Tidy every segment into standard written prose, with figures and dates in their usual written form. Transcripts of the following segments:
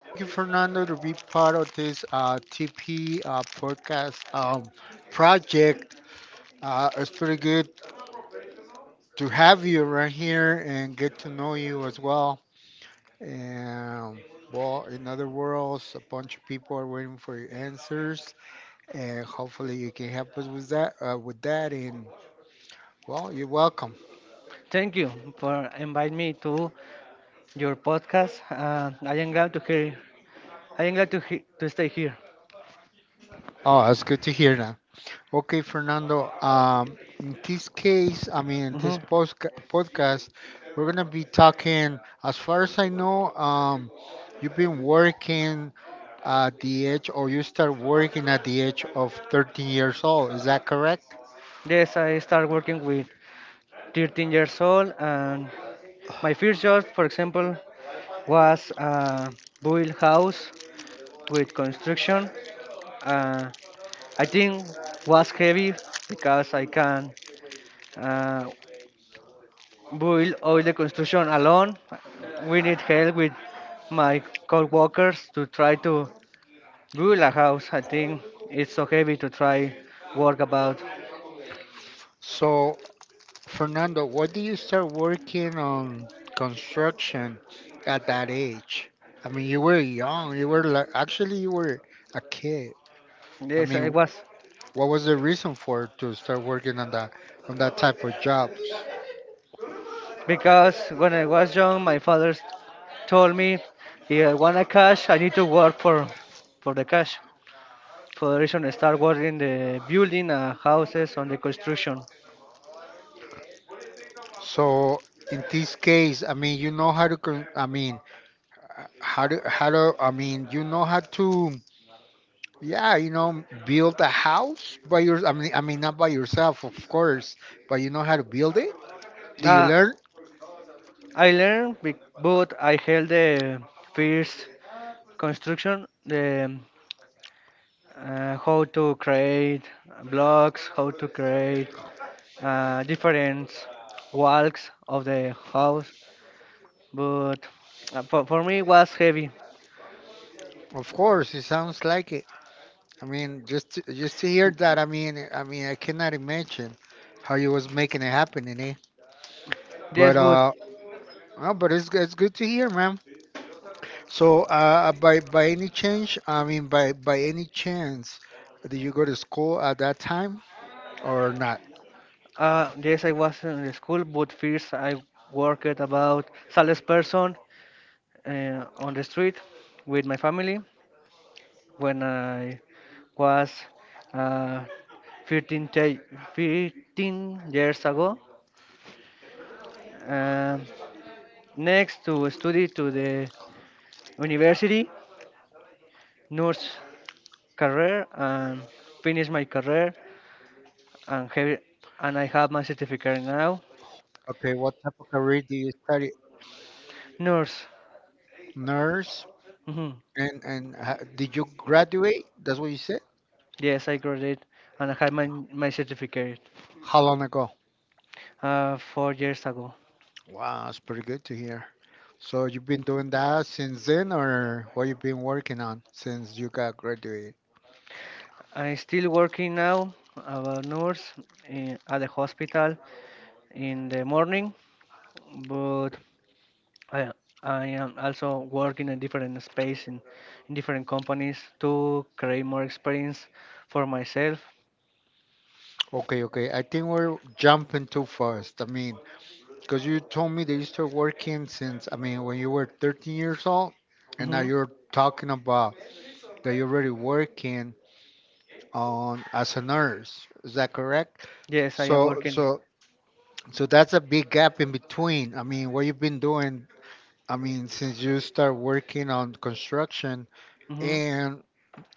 Thank you, Fernando, to be part of this TP podcast project. It's pretty good to have you around here and get to know you as well. And well, in other worlds, a bunch of people are waiting for your answers, and hopefully, you can help us with that. With that, and well, you're welcome. Thank you for inviting me to your podcast. I am glad to hear. I am glad to to stay here. Oh, that's good to hear. Okay, Fernando. In this case, I mean, in this Hmm podcast, we're gonna be talking. As far as I know, you've been working at the age, or you start working at the age of 13 years old. Is that correct? Yes, I started working with 13 years old, and my first job, for example, was build house with construction. Uh, I think was heavy because I can uh, build all the construction alone. We need help with my co-workers to try to build a house. I think it's so heavy to try work about. So, Fernando, why did you start working on construction at that age? I mean, you were young. You were like, actually, you were a kid. I Yes, I mean, was what was the reason for to start working on that type of jobs? because when I was young, my father told me, "If I want a cash, I need to work for the cash." For the reason, I start working the building houses on the construction. So in this case, I mean, you know how to I mean, how to I mean, you know how to, yeah, build a house by your I mean not by yourself, of course, but you know how to build it? Do you Uh, learn? I learned, but I held the first construction, the how to create blocks, how to create different walks of the house, but for me it was heavy. Of course, it sounds like it. I mean, just to hear that, I mean, I cannot imagine how you was making it happen in it. But Yes, but no, but it's good to hear, man. So, by any change, I mean by any chance, did you go to school at that time or not? Yes, I was in the school, but first I worked about salesperson on the street with my family when I was uh, 15, ta- 15 years ago. Um, next to study to the university, nurse career, and finish my career and have and I have my certificate now. Okay, what type of career did you study? Nurse. Nurse, Hmm and ha did you graduate? That's what you said? Yes, I graduated and I have my certificate How long ago? 4 years ago. Wow, that's pretty good to hear. So you've been doing that since then, or what you've been working on since you got graduated? I'm still working now as a nurse at the hospital in the morning, but I, I am also working in different space in different companies to create more experience for myself. Okay, okay. I think we're jumping too fast. I mean, because you told me that you started working since, I mean, when you were 13 years old, and now Hmm you're talking about that you're already working on as a nurse. Is that correct? Yes, I am So, working. so, so, that's a big gap in between. I mean, what you've been doing, I mean, since you start working on construction Hmm and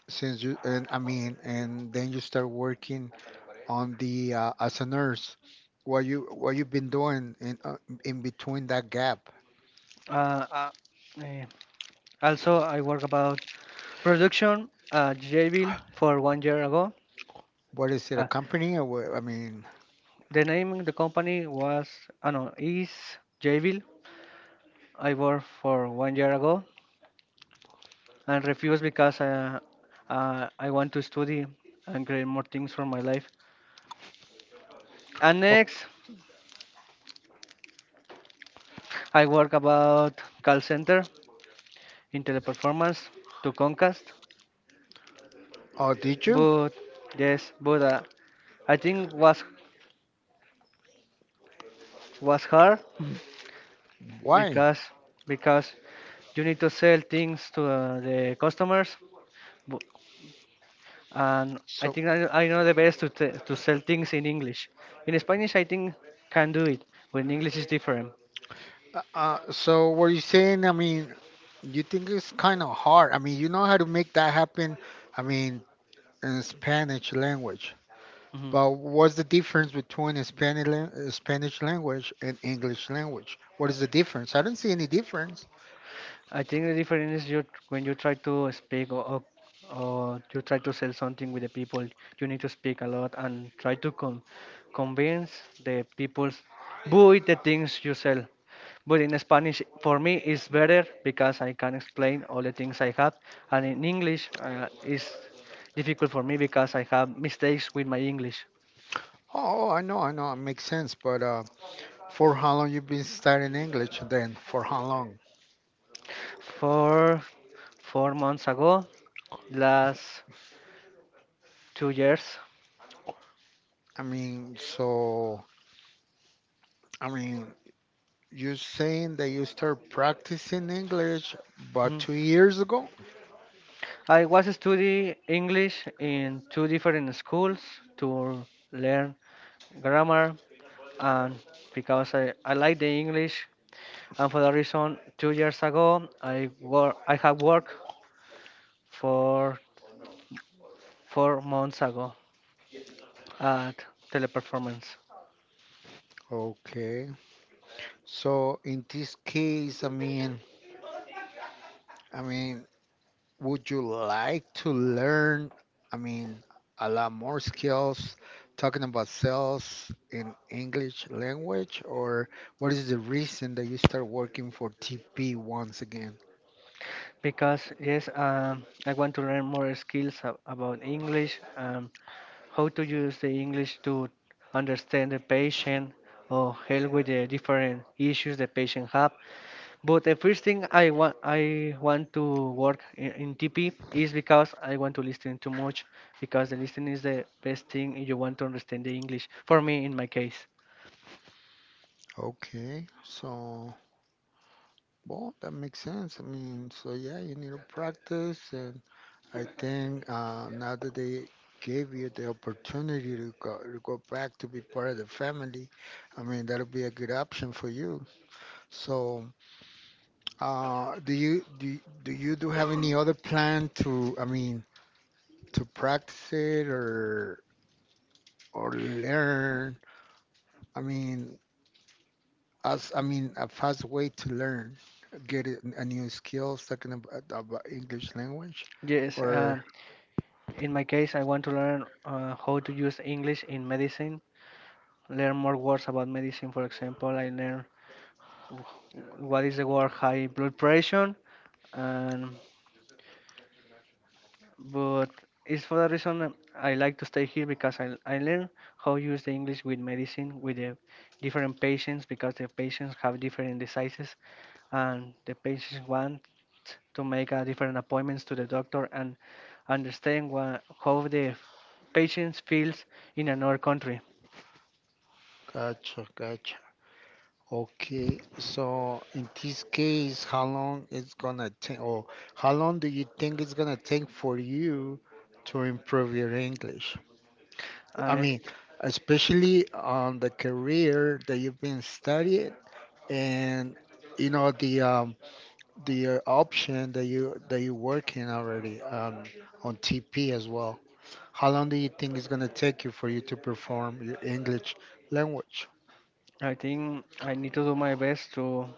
and I mean, and then you start working on the as a nurse. What you've been doing in between that gap? Uh, uh, eh, Also, I work about production at Jabil for 1 year ago. What is it, a Uh, company or what, I mean, the name of the company no, is Jabil. I worked for 1 year ago and refused because I want to study and create more things for my life. And oh, next, I work about call center in teleperformance to Comcast. oh, did you? But yes, but I think was hard Why? because because you need to sell things to the customers. Bu- And I So, think I know the best to sell things in English. In Spanish, I think can do it, but in English is different. So what you saying? I mean, you think it's kind of hard. I mean, you know how to make that happen. I mean, in Spanish language. Mhm. But what's the difference between a Spanish language and English language? What is the difference? I don't see any difference. I think the difference is you when you try to speak or you try to sell something with the people, you need to speak a lot and try to convince the people buy the things you sell. But in Spanish, for me, it's better because I can explain all the things I have, and in English, it's difficult for me because I have mistakes with my English. Oh, I know, it makes sense. But for how long you've been studying English? Then for how long? For 4 months ago, last 2 years. I mean, so, I mean, you're saying that you start practicing English about mm, 2 years ago? I was studying English in two different schools to learn grammar and because I like the English, and for that reason 2 years ago I have worked for 4 months ago at teleperformance Okay. So in this case, I mean, would you like to learn, I mean, a lot more skills talking about sales in English language, or what is the reason that you start working for TP once again? because yes, I want to learn more skills about English and how to use the English to understand the patient or help with the different issues the patient have. But the first thing I want to work in TP is because I want to listen too much because the listening is the best thing if you want to understand the English. For me, in my case, Okay, so well, that makes sense. I mean, so yeah, you need to practice, and I think now that they gave you the opportunity to go back to be part of the family, I mean that'll be a good option for you. So, do you do have any other plan to, I mean, to practice it, or learn? I mean, as I mean a fast way to learn, a new skill, talking about English language, yes, or, I want to learn how to use English in medicine. Learn more words about medicine. For example, I learn what is the word high blood pressure, and but it's for that reason, I like to stay here because I learn how use the English with medicine with the different patients because the patients have different diseases, and the patients want to make a different appointments to the doctor and understand what, how the patient feels in another country. gotcha, gotcha. Okay, so in this case, how long it's gonna take, or how long do you think it's gonna take for you to improve your English? I I mean, especially on the career that you've been studying, and you know the option that you're working already on TP as well. How long do you think it's gonna take you for you to perform your English language? I think I need to do my best to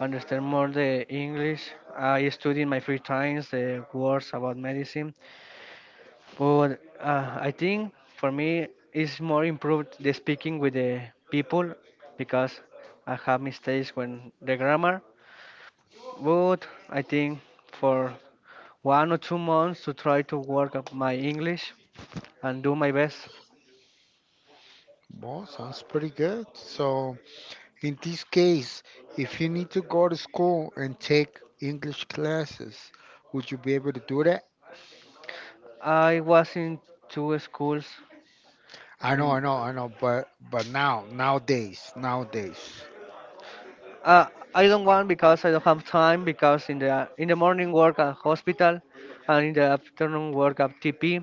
understand more the English. I study in my free times the words about medicine. But I think for me it's more improved the speaking with the people because I have mistakes when the grammar. But I think for 1 or 2 months to try to work up my English and do my best. Well, sounds pretty good. So. In this case, if you need to go to school and take English classes, would you be able to do that? I was in two schools. I know, I In, know, I know, but now, nowadays. uh, I don't want because I don't have time because in the morning work at hospital, and in the afternoon work at TP.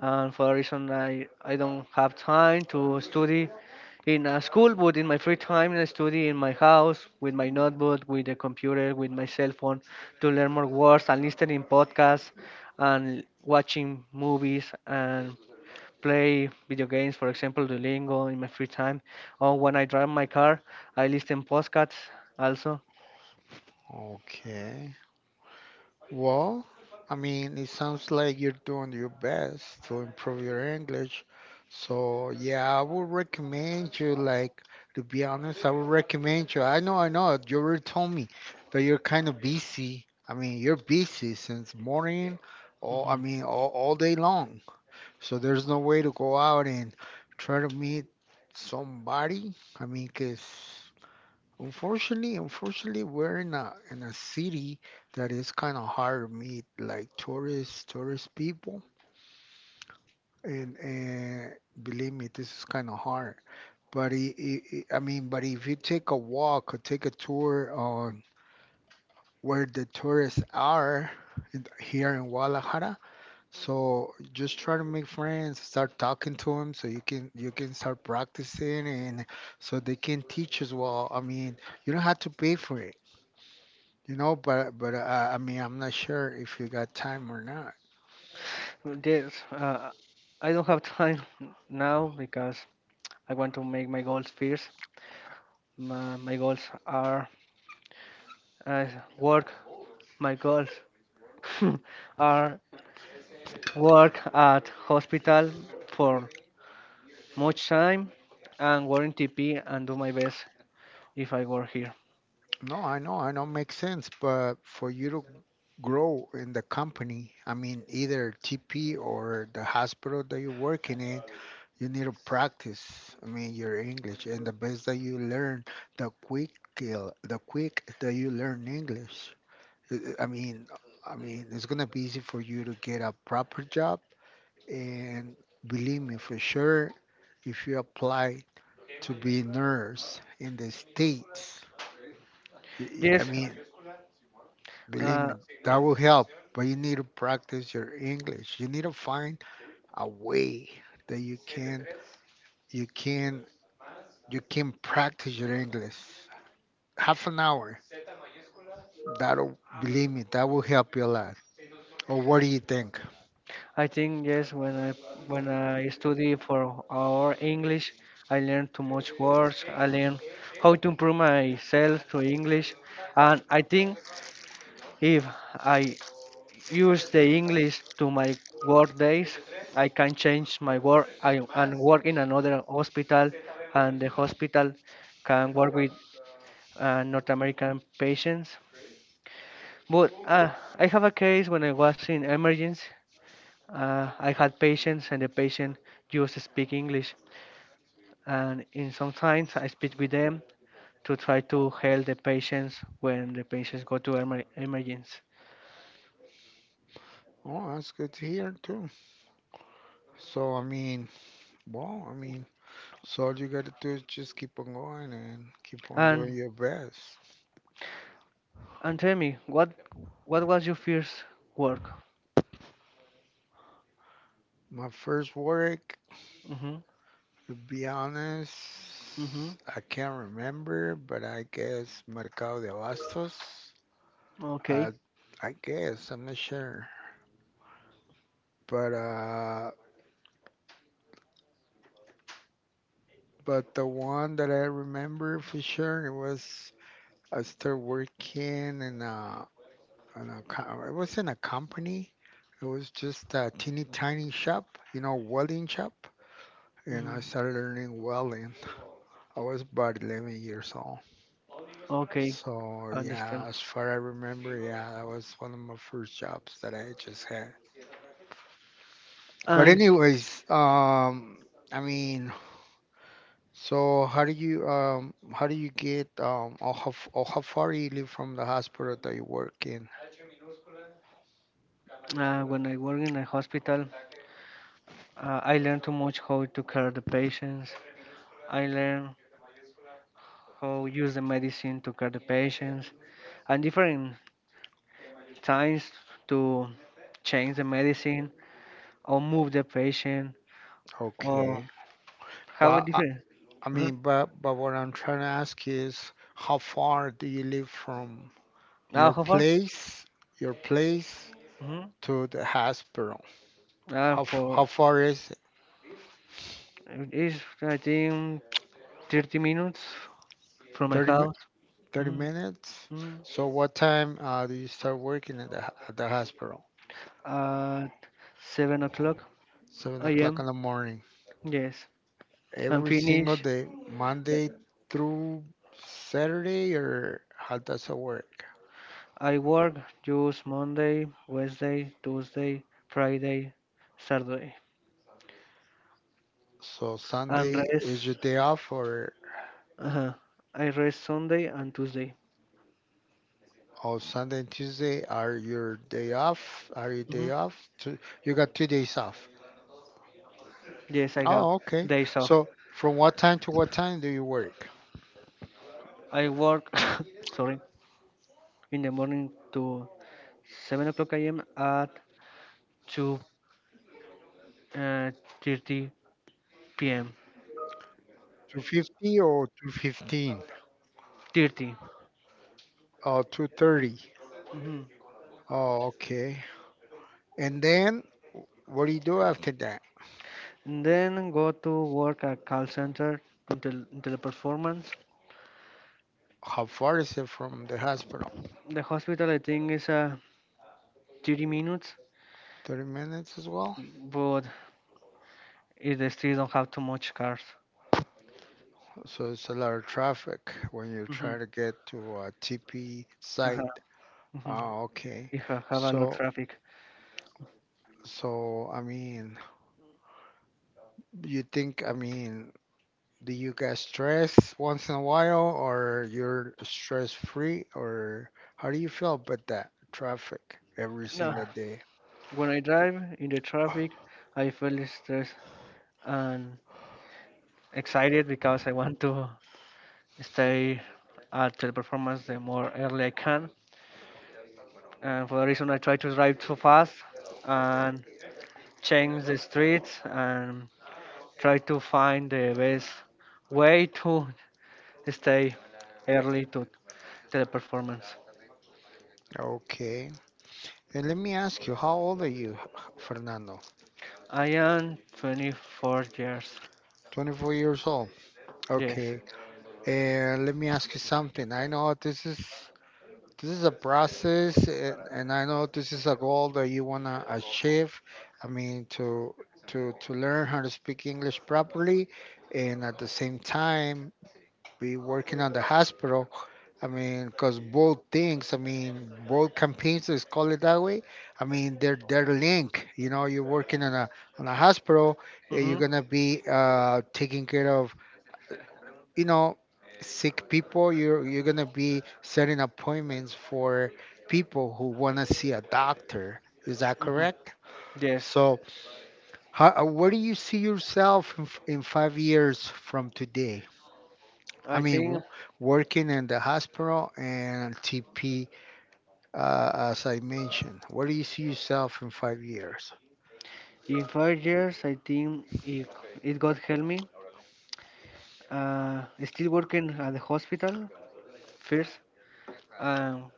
And for a reason, I don't have time to study in a school, but in my free time I study in my house with my notebook, with the computer, with my cell phone to learn more words and listening podcasts and watching movies and play video games, for example Duolingo in my free time, or when I drive my car I listen podcasts also. Okay. Well, I mean, it sounds like you're doing your best to improve your English. So, yeah, I would recommend you, like, to be honest, I would recommend you. I know, you already told me that you're kind of busy. I mean, you're busy since morning, or I Mhm. mean, all day long. So, there's no way to go out and try to meet somebody. I mean, because Unfortunately, we're in a city that is kind of hard to meet like tourists, tourist people, and believe me, this is kind of hard. But I mean, but if you take a walk or take a tour on where the tourists are here in Guadalajara, so just try to make friends, start talking to them, so you can start practicing, and so they can teach as well. I mean, you don't have to pay for it. But I mean, I'm not sure if you got time or not. Yes, I don't have time now because I want to make my goals first. My goals are uh, work. My goals are work at hospital for much time and work in TP and do my best if I work here. No, I know, makes sense. But for you to grow in the company, I mean, either TP or the hospital that you're working in, you need to practice. I mean, your English, and the best that you learn, the quick, the quick that you learn English. I I mean, I mean, it's gonna be easy for you to get a proper job. And believe me, for sure, if you apply to be nurse in the States, I Yes, mean, believe uh, me, that will help. But you need to practice your English. You need to find a way that you can, you can practice your English. Half an hour. That'll, believe me, that will help you a lot. Or what do you think? I think yes. When I study for our English, I learn too much words. I learn how to improve myself to English, and I think if I use the English to my work days, I can change my work, and work in another hospital, and the hospital can work with North American patients. But I have a case when I was in emergency. I had patients, and the patient used to speak English, and in some times I speak with them to try to help the patients when the patients go to emergency. Oh, that's good to hear too. So I mean, well, I mean. So all you gotta do is just keep on going and keep on doing And your best. And tell me, what was your first work? My first work, Mm-hmm. to be honest, Mm-hmm. I can't remember, but I guess Mercado de Abastos. Okay. I I guess I'm not sure, but uh, but the one that I remember for sure, it was, I started working in it was not a company. It was just a teeny tiny shop, you know, welding shop. And I hmm started learning welding. I was about 11 years old. Okay. So I yeah, understand. as far I remember, yeah, that was one of my first jobs that I just had. But And anyways, I mean, so how do you get or how f- or how far do you live from the hospital that you work in? When I work in a hospital, I learn too much how to care the patients. I learn how use the medicine to care the patients, and different times to change the medicine or move the patient or Okay, have a but different. I Uh-huh. mean, but what I'm trying to ask is how far do you live from your How far? place, your place Mm-hmm. to the hospital. How For far is it? It is, I think, 30 minutes from my 30, mi- house. 30 Mhm, minutes? mhm. So what time do you start working at the hospital? At 7 o'clock 7 o'clock a.m. in the morning. Yes. I'm Every single finished. day, Yeah. Monday through Saturday, or how does it work? I work just Monday, Wednesday, Tuesday, Friday, Saturday. So And Sunday is your day rest. off, or, Uh-huh. I rest Sunday and Tuesday. oh, Sunday and Tuesday are your day off? Are your Hmm day off? Two, you got 2 days off. Yes, I have Oh, okay. days off. So from what time to what time do you work? I work, sorry, in the morning to 7 o'clock a.m. at 2 uh, 30 p.m. 2:50 or 2:15 30. or 2:30. Mhm. Oh, okay. And then what do you do after that? Then go to work at call center until the performance. How far is it from the hospital? The hospital I think is 30 minutes, 30 minutes as well. but if the streets don't have too much cars. So it's a lot of traffic when you're Hmm trying to get to a TP site. Uh-huh. hmm Oh, okay. If I have a lot of So, traffic. so, I mean, you think, I mean, do you guys stress once in a while, or you're stress free, or how do you feel about that traffic every No. single day? When I drive in the traffic, I feel stressed and excited because I want to stay at the performance the more early I can. And for that reason I try to drive too fast and change the streets and try to find the best way to stay early to the performance. Okay. And let me ask you, how old are you, Fernando? I am 24 years. 24 years old. Yes. Okay. And let me ask you something. I know this is a process, and I know this is a goal that you want to achieve. I mean to learn how to speak English properly, and at the same time be working on the hospital. I mean, because both things, I mean, both campaigns, let's call it that way. I mean, they're linked. You know, you're working on a hospital, and you're Mhm. gonna be taking care of you know sick people. You're gonna be setting appointments for people who wanna see a doctor. Is that Mhm. correct? Yes. So, where do you see yourself in 5 years from today? I I mean, think working in the hospital and TP, as I mentioned, where do you see yourself in 5 years? in 5 years, I think it God help me. Still working at the hospital first. Um,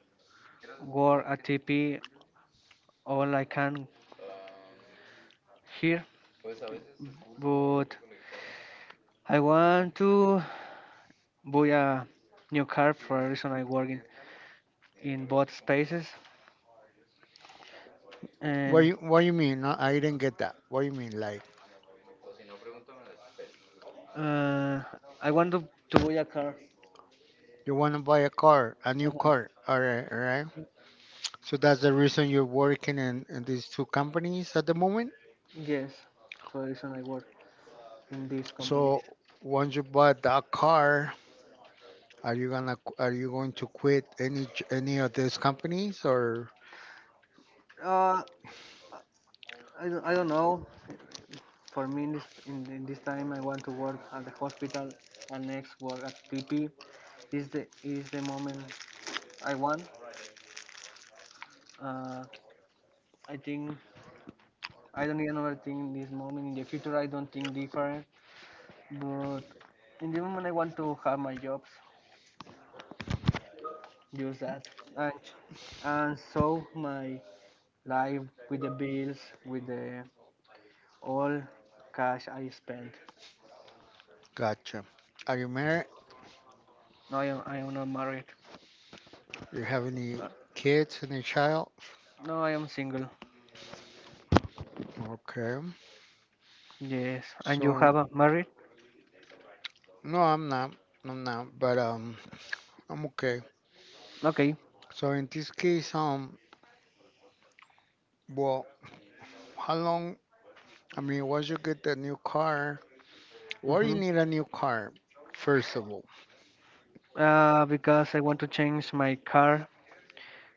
Work at TP all I can here, but I want to buy a new car for a reason I work in both spaces, What and you What you mean? No, I didn't get that. What do you mean? Like uh, I want to buy a car. you want to buy a car, a new Uh-huh. car? All right, all right. So that's the reason you're working in these two companies at the moment. Yes, for a reason I work in these companies. So once you buy that car, are you going to quit any of these companies or Uh, I don't know. For me, in this time, I want to work at the hospital and next work at TP. Is the moment I want. Uh, I think I don't even overthink this moment. In the future, I don't think different. But in the moment, I want to have my jobs, use that, and and so my life with the bills, with the all cash I spent. gotcha? Are you married? No, I am not married. Do you have any Uh, kids, any child? No, I am single. Okay. Yes, and you So have a married? no, I'm not. I'm not. But I'm okay. Okay. So in this case, well, how long? I mean, once you get the new car, well, you Mm-hmm. need a new car, first of all. Because I want to change my car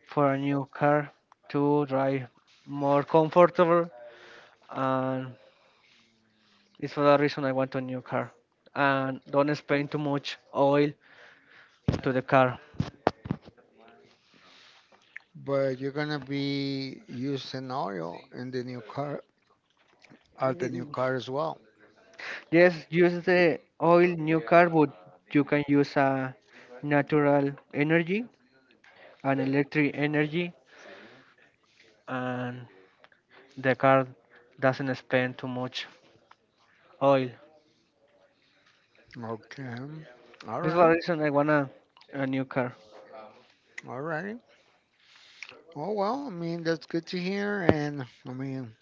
for a new car to drive more comfortable, and it's for that reason I want a new car. And don't spend too much oil to the car. But you're gonna be using oil in the new car, at the new Mm, car as well. Yes, use the oil new car, but you can use a natural energy and electric energy, and the car doesn't spend too much oil. Okay. All This is the right. reason I want a new car. All right. Oh well. I mean, that's good to hear. And I mean,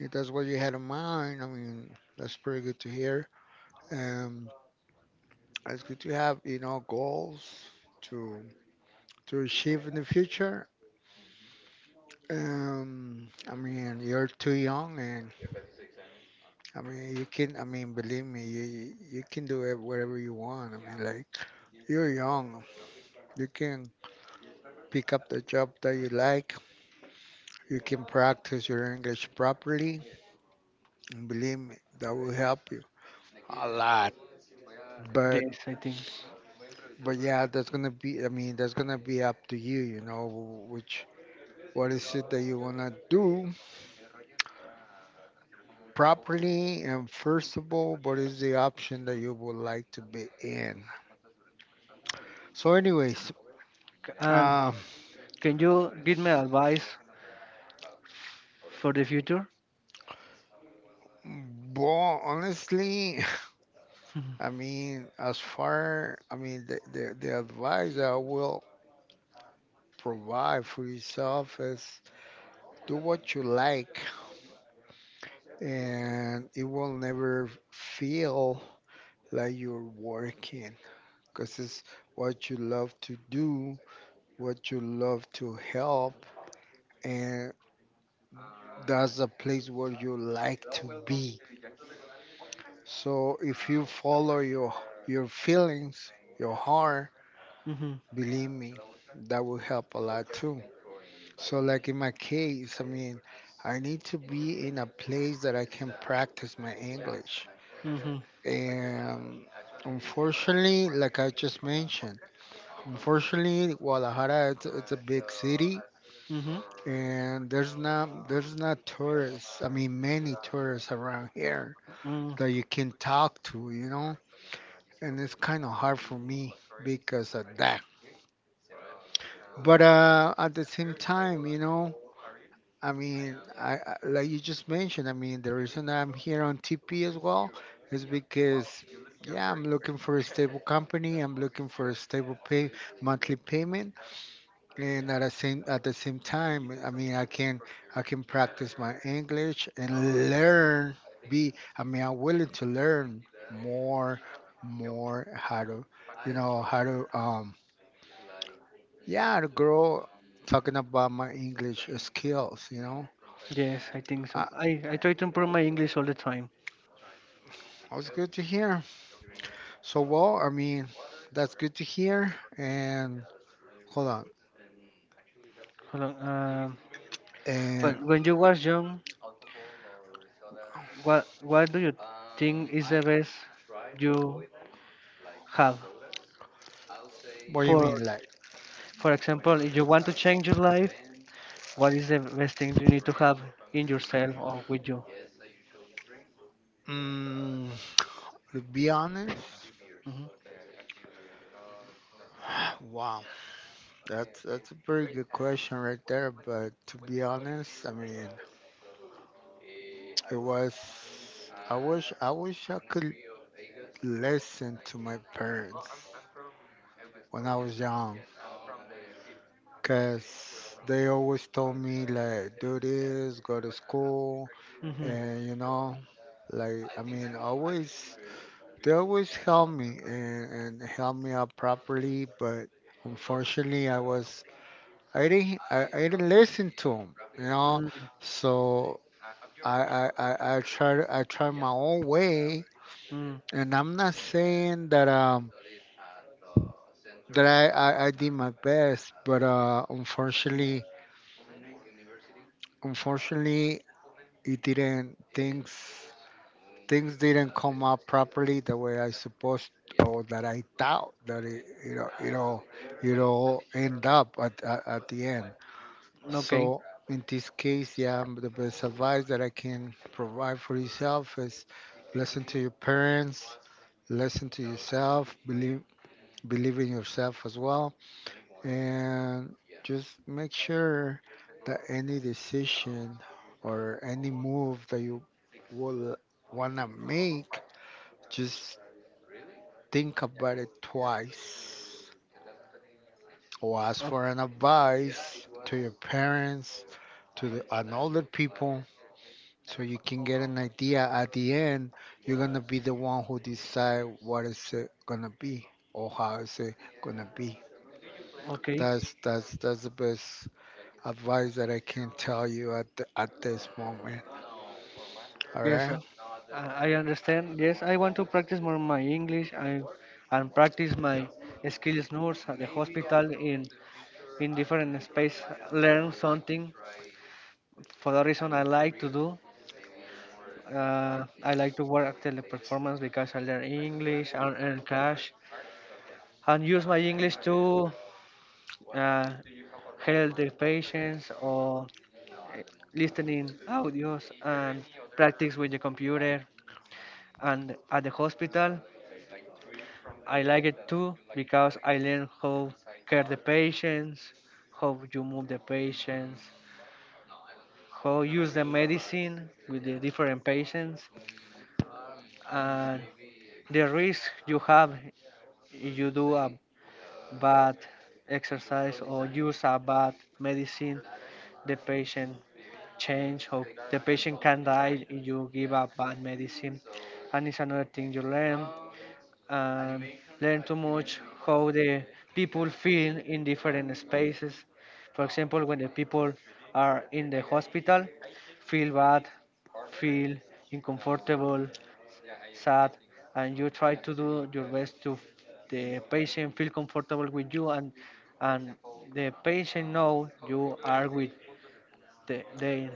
if that's what you had in mind, I mean, that's pretty good to hear. Um. It's good to have goals to to achieve in the future. I mean, you're too young, and I mean, you can. I mean, believe me, you can do it whatever you want. I mean, like you're young, you can pick up the job that you like. You can practice your English properly, and believe me, that will help you a lot. But Yes, I think. but yeah, that's gonna be. I mean, that's gonna be up to you. You know, which what is it that you wanna do? Properly, and first of all, what is the option that you would like to be in? So anyways, And uh can you give me advice for the future? well, honestly, Mhm, I mean, the advice that I will provide for yourself is do what you like, and it will never feel like you're working, because it's what you love to do, what you love to help, and that's the place where you like to be. So if you follow your feelings, your heart, mhm. believe me, that will help a lot too. So like in my case, I mean, I need to be in a place that I can practice my English. Mm-hmm. And unfortunately, like I just mentioned, unfortunately, Guadalajara it's a big city, Mm-hmm. and there's not tourists. I mean, many tourists around here Mm. that you can talk to, you know? And it's kind of hard for me because of that. But at the same time, you know, I mean, I like you just mentioned, I mean, the reason that I'm here on TP as well is because, yeah, I'm looking for a stable company. I'm looking for a stable pay, monthly payment, and at the same time, I mean, I can practice my English and learn, be I mean, I'm willing to learn more more, how to, you know, how to, yeah, to grow, talking about my English skills, you know. Yes, I think so. I I try to improve my English all the time. I was good to hear. So well, I mean, that's good to hear, and hold on. Hold on. But And when you was young, what do you think is the best you have? what do you For mean? Like for example, if you want to change your life, what is the best thing you need to have in yourself or with you? mm, to be honest, Mhm. wow. That's a pretty good question right there, but to be honest, I mean, it was I wish I could listen to my parents when I was young, 'cause they always told me, like, do this, go to school, Mhm. and you know, like, I mean, always, they always helped me, and helped me out properly, but unfortunately, I didn't listen to them, you know, Mm, so I try my own way, mm. and I'm not saying that that I did my best, but unfortunately, it didn't things didn't come out properly the way I supposed, or that I thought that it, end up at the end. Okay. So in this case, yeah, the best advice that I can provide for yourself is listen to your parents, listen to yourself, believe in yourself as well, and just make sure that any decision or any move that you will wanna make, just think about it twice, or ask O- for an advice to your parents, an older people, so you can get an idea. At the end, you're gonna be the one who decide what is it gonna be, or how is it gonna be. Okay. That's the best advice that I can tell you at this moment. All Yes, right. I understand. Yes, I want to practice more my English, and practice my skills notes at the hospital in different space. Learn something for the reason I like to do. I like to work at teleperformance because I learn English and earn cash and use my English to uh, help the patients or uh, listening audios and practice with the computer. And at the hospital, I like it too because I learn how care the patients, how you move the patients, how use the medicine with the different patients, and the risk you have you do a bad exercise or use a bad medicine, the patient change or the patient can die if you give a bad medicine. And it's another thing you learn and learn too much how the people feel in different spaces. For example, when the people are in the hospital, feel bad, feel uncomfortable, sad, and you try to do your best to the patient feel comfortable with you, and the patient know you are with them.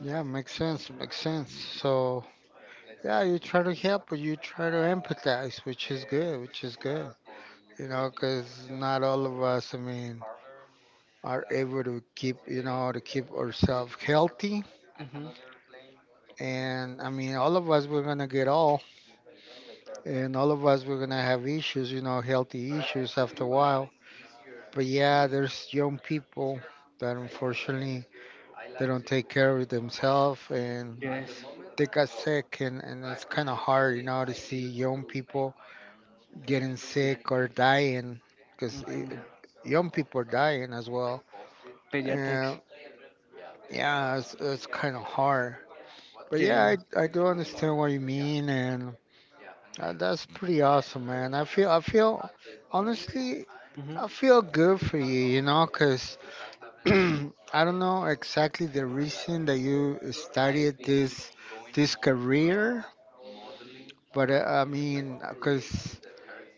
Yeah, makes sense. Makes sense. So yeah, you try to help, but you try to empathize, which is good. Which is good. You know, because not all of us, I mean, are able to keep you know to keep ourselves healthy. Mhm. And I mean, all of us we're gonna get old, and all of us we're gonna have issues. You know, healthy issues after a while. But yeah, there's young people that unfortunately they don't take care of themselves, and Yes. they got sick, and it's kind of hard, you know, to see young people getting sick or dying, because Mhm. young people are dying as well. Pediatrics. And yeah, it's kind of hard, but yeah, Yes. I do understand what you mean. And that's pretty awesome, man. I feel, honestly, Mhm. I feel good for you, you know, 'cause I don't know exactly the reason that you studied this career, but I mean, because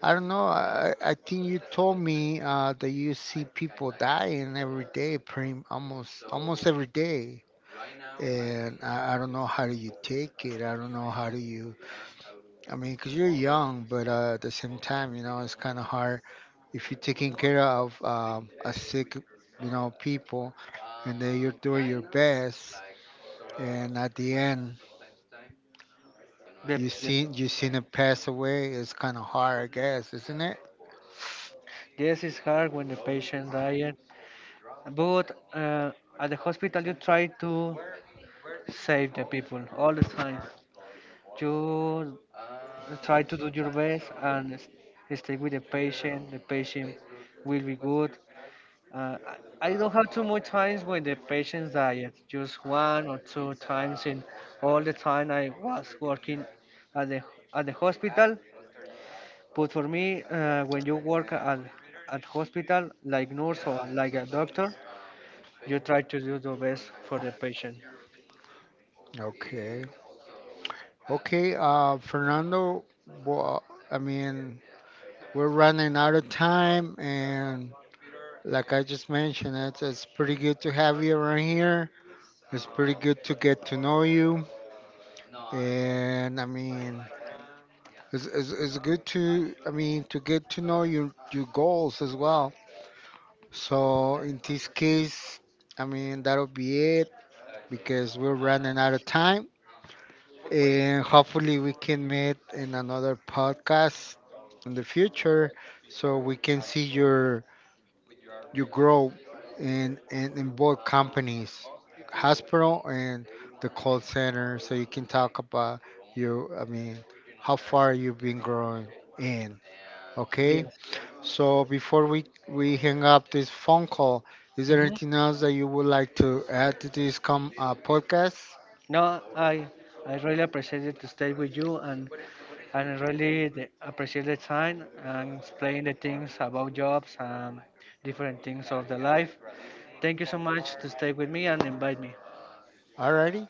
I don't know. I think you told me that you see people dying every day, pretty, almost every day, and I don't know how do you take it. I don't know how do you. I mean, because you're young, but at the same time, you know, it's kind of hard if you're taking care of a sick people, and then you're doing your best. And at the end, you The seen you seen it pass away. It's kind of hard, I guess, isn't it? yes, it's hard when the patient died, but at the hospital you try to save the people all the time. You try to do your best and stay with the patient. The patient will be good. Uh, I I don't have too much times when the patients died, just one or two times in all the time I was working at the at the hospital. But for me, when you work at hospital, like nurse or like a doctor, you try to do the best for the patient. Okay. Okay, Fernando, well, I mean, we're running out of time, and like I just mentioned, it's pretty good to have you around here. It's pretty good to get to know you, and I mean, it's good to, I mean, to get to know your goals as well. So in this case, I mean, that'll be it, because we're running out of time. And hopefully, we can meet in another podcast in the future, so we can see your growth in both companies, hospital and the call center, so you can talk about you, I mean, how far you've been growing in. Okay? Yes. So, before we hang up this phone call, is there hmm anything else that you would like to add to this podcast? No, I really appreciate it to stay with you, and I really appreciate the time and explain the things about jobs and different things of the life. Thank you so much to stay with me and invite me. Alrighty.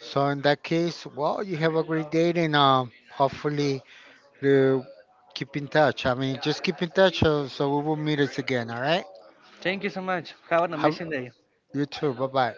So in that case, well, you have a great day, and hopefully, uh, keep in touch. I mean, just keep in touch, so we will meet us again. All right. Thank you so much. Have an Have amazing day. you too. Bye bye.